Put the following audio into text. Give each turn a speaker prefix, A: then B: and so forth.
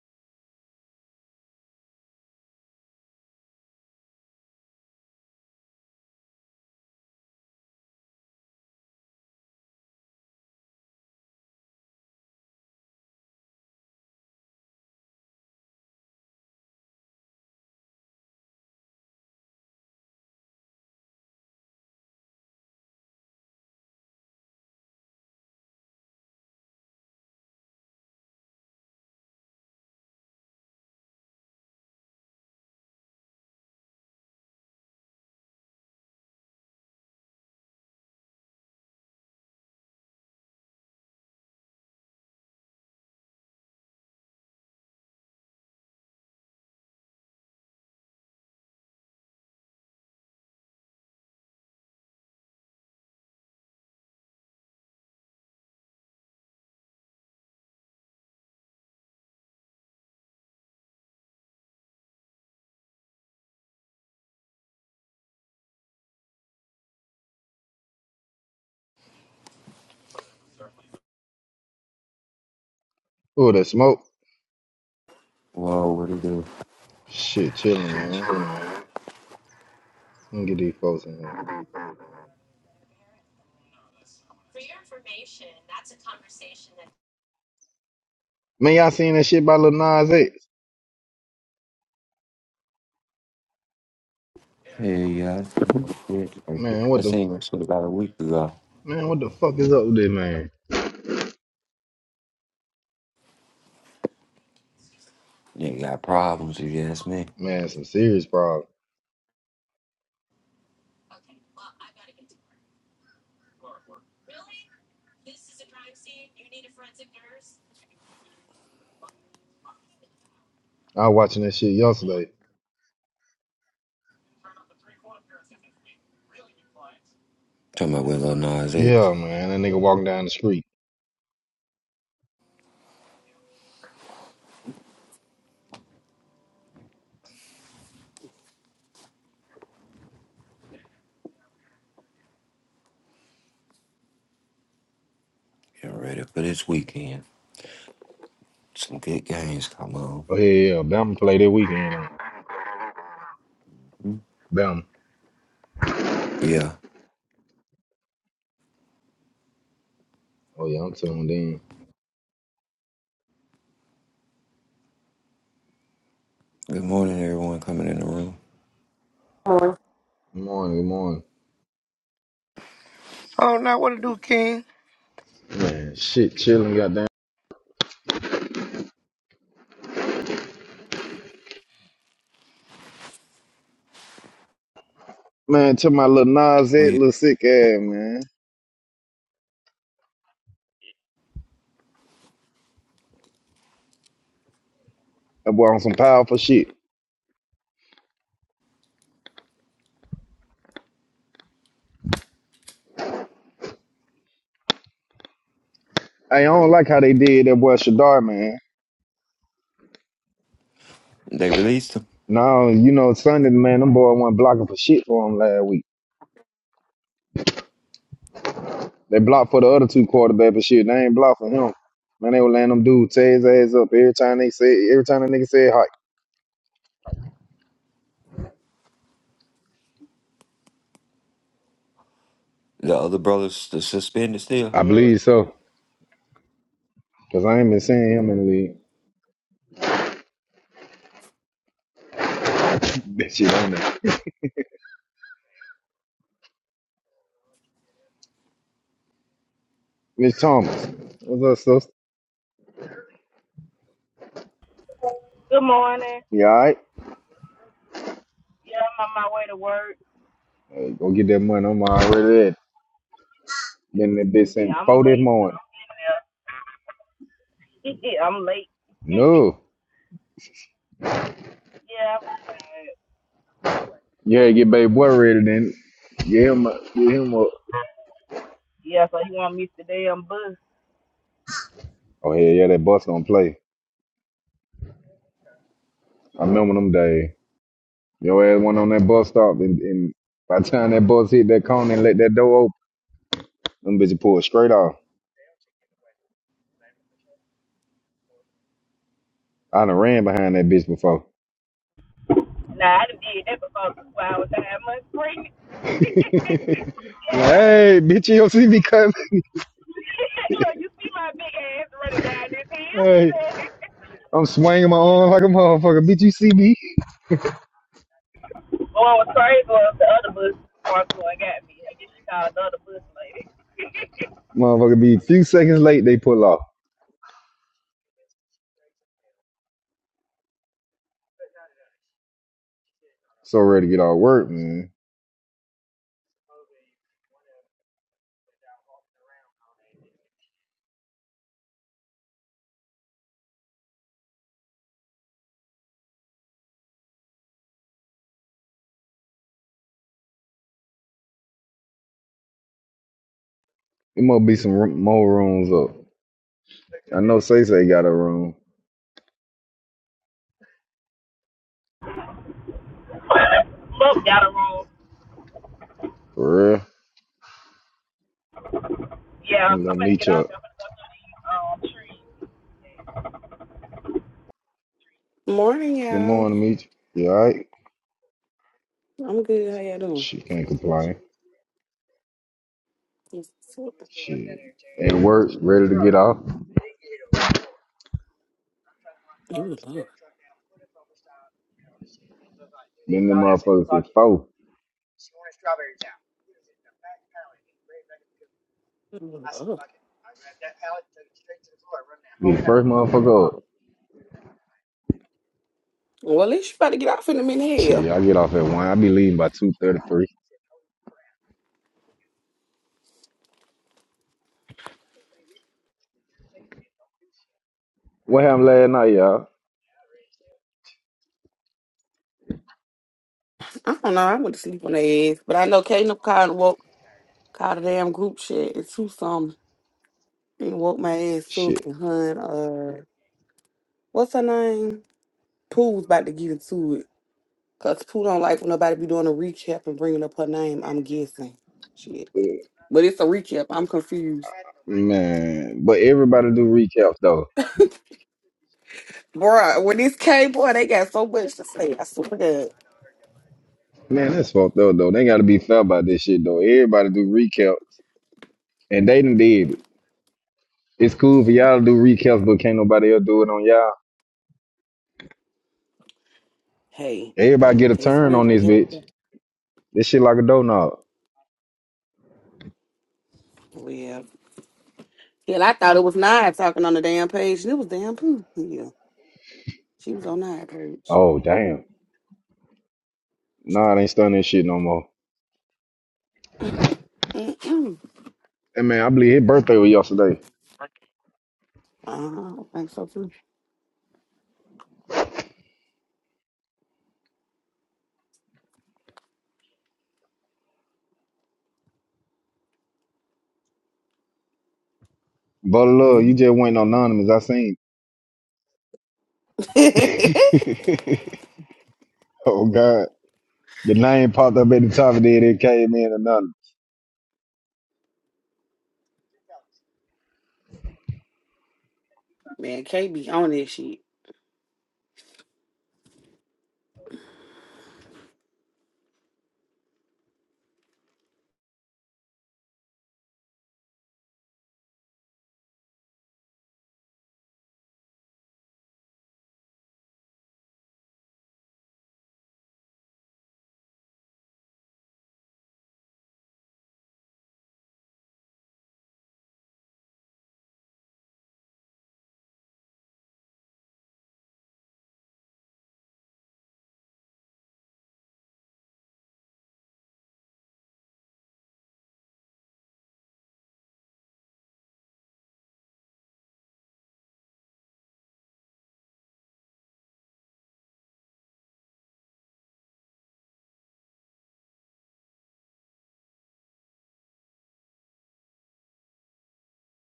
A: Oh, that smoke.
B: Whoa, what it do?
A: Shit, chilling, man. Let me get these folks in here. Man, y'all seen that shit by Lil Nas X?
B: Hey, yeah.
A: Man,
B: I
A: what the
B: seen this shit about a week ago.
A: man, what the fuck is up with this man?
B: Nigga got problems, if you ask me.
A: Man, some serious problem. I was watching that shit yesterday.
B: Talking about with Lil Nas X.
A: Yeah, man, that nigga walking down the street.
B: Getting ready for this weekend. Some good games come on.
A: Oh yeah, yeah, Bama play that weekend on. Bama.
B: Yeah.
A: Oh yeah, I'm tuned in.
B: Good morning, everyone coming in the room.
C: morning.
A: Good morning, good morning.
D: Oh, now what to do, King?
A: Man, shit, chilling, goddamn. Man, to my little Nas
B: Oh,
A: X,
B: yeah.
A: little sick ass man. That boy on some powerful shit. Hey, I don't like how they did that boy Shadar, man.
B: They released him.
A: No, you know, Sunday, man, them boy wasn't blocking for shit for him last week. They blocked for the other two quarterbacks and shit. They ain't blocked for him. Man, they were letting them dudes tear his ass up every time they said, every time the nigga said hi.
B: The other brothers the suspended still.
A: I Mm. believe so. Cause I ain't been seeing him in the league. That shit on there. Miss Thomas. What's up, sis?
E: Good morning.
A: You alright?
E: Yeah, I'm on my way to work.
A: Hey, go get that money. I'm already ready. Getting that bitch
E: Yeah,
A: since four
E: I'm
A: this
E: late. And
A: morning.
E: I'm, I'm late. yeah,
A: No.
E: I'm- late.
A: Yeah, get baby boy ready then. Get him up. Get him up.
E: yeah. So he want me today on bus?
A: Oh, yeah, yeah, that bus don't play. I remember them days. Your ass went on that bus stop, and, and by the time that bus hit that cone and let that door open, them bitches pulled straight off. I done ran behind that bitch before.
E: Nah, I done did that before two hours. I had much pregnant.
A: like,
E: yeah.
A: hey, bitch, you don't see me coming.
E: Look, you see my big ass running down this
A: hey,
E: hill.
A: I'm swinging my arm like a motherfucker. Bitch, you see me?
E: oh, I was crazy. Was the other bus walked through and got me. I guess she called the other bus lady.
A: Motherfucker be a few seconds late, they pull off. So ready to get all work, man. It must be some r- more rooms up. I know Say Say got a room.
E: Both got a room.
A: For real.
E: Yeah, I'm
A: Let me
E: gonna get off.
A: up.
E: I'm gonna go through these um trees.
F: Morning,
A: Good
F: y'all.
A: morning, Meech. You alright?
F: I'm good. How y'all doing?
A: She can't complain.
F: Ooh,
A: Shit. At work, ready to get off.
F: Lord.
A: Then the motherfuckers since four.
F: Ooh, Lord.
A: Be the first motherfucker up.
F: Well, at least you about to get off in a minute. Hell,
A: Shit, I get off at one. I be leaving by two thirty three. What happened last night, y'all?
F: I don't know. I went to sleep on their ass, but I know Caleb called and woke called a damn group chat and two something and woke my ass up
A: Shit.
F: and hun. Uh, what's her name? Pooh's about to get into it because Pooh don't like when nobody be doing a recap and bringing up her name. I'm guessing shit, but it's a recap. I'm confused,
A: Man, but everybody do recaps though.
F: Bruh, When this came, boy, they got so much to say. I swear to God.
A: Man, that's fucked up though. They gotta be fair about this shit though. Everybody do recaps, and they done did it. It's cool for y'all to do recaps, but can't nobody else do it on y'all.
F: Hey.
A: Everybody get a
F: It's
A: turn on
F: with
A: this
F: him.
A: bitch. This shit like a doughnut.
F: Yeah. Hell, I thought it was Nia talking on the damn page. It was damn poo. Yeah, she was on Nia page.
A: Oh damn. Nah, it ain't stunning shit no more.
F: Mm-mm.
A: Hey man, I believe his birthday was yesterday.
F: Uh-huh. I think so too.
A: But look, you just went
F: Mhm.
A: anonymous. I seen. oh God, the name popped up at the top of there. It came in anonymous.
F: Man, K be on this shit.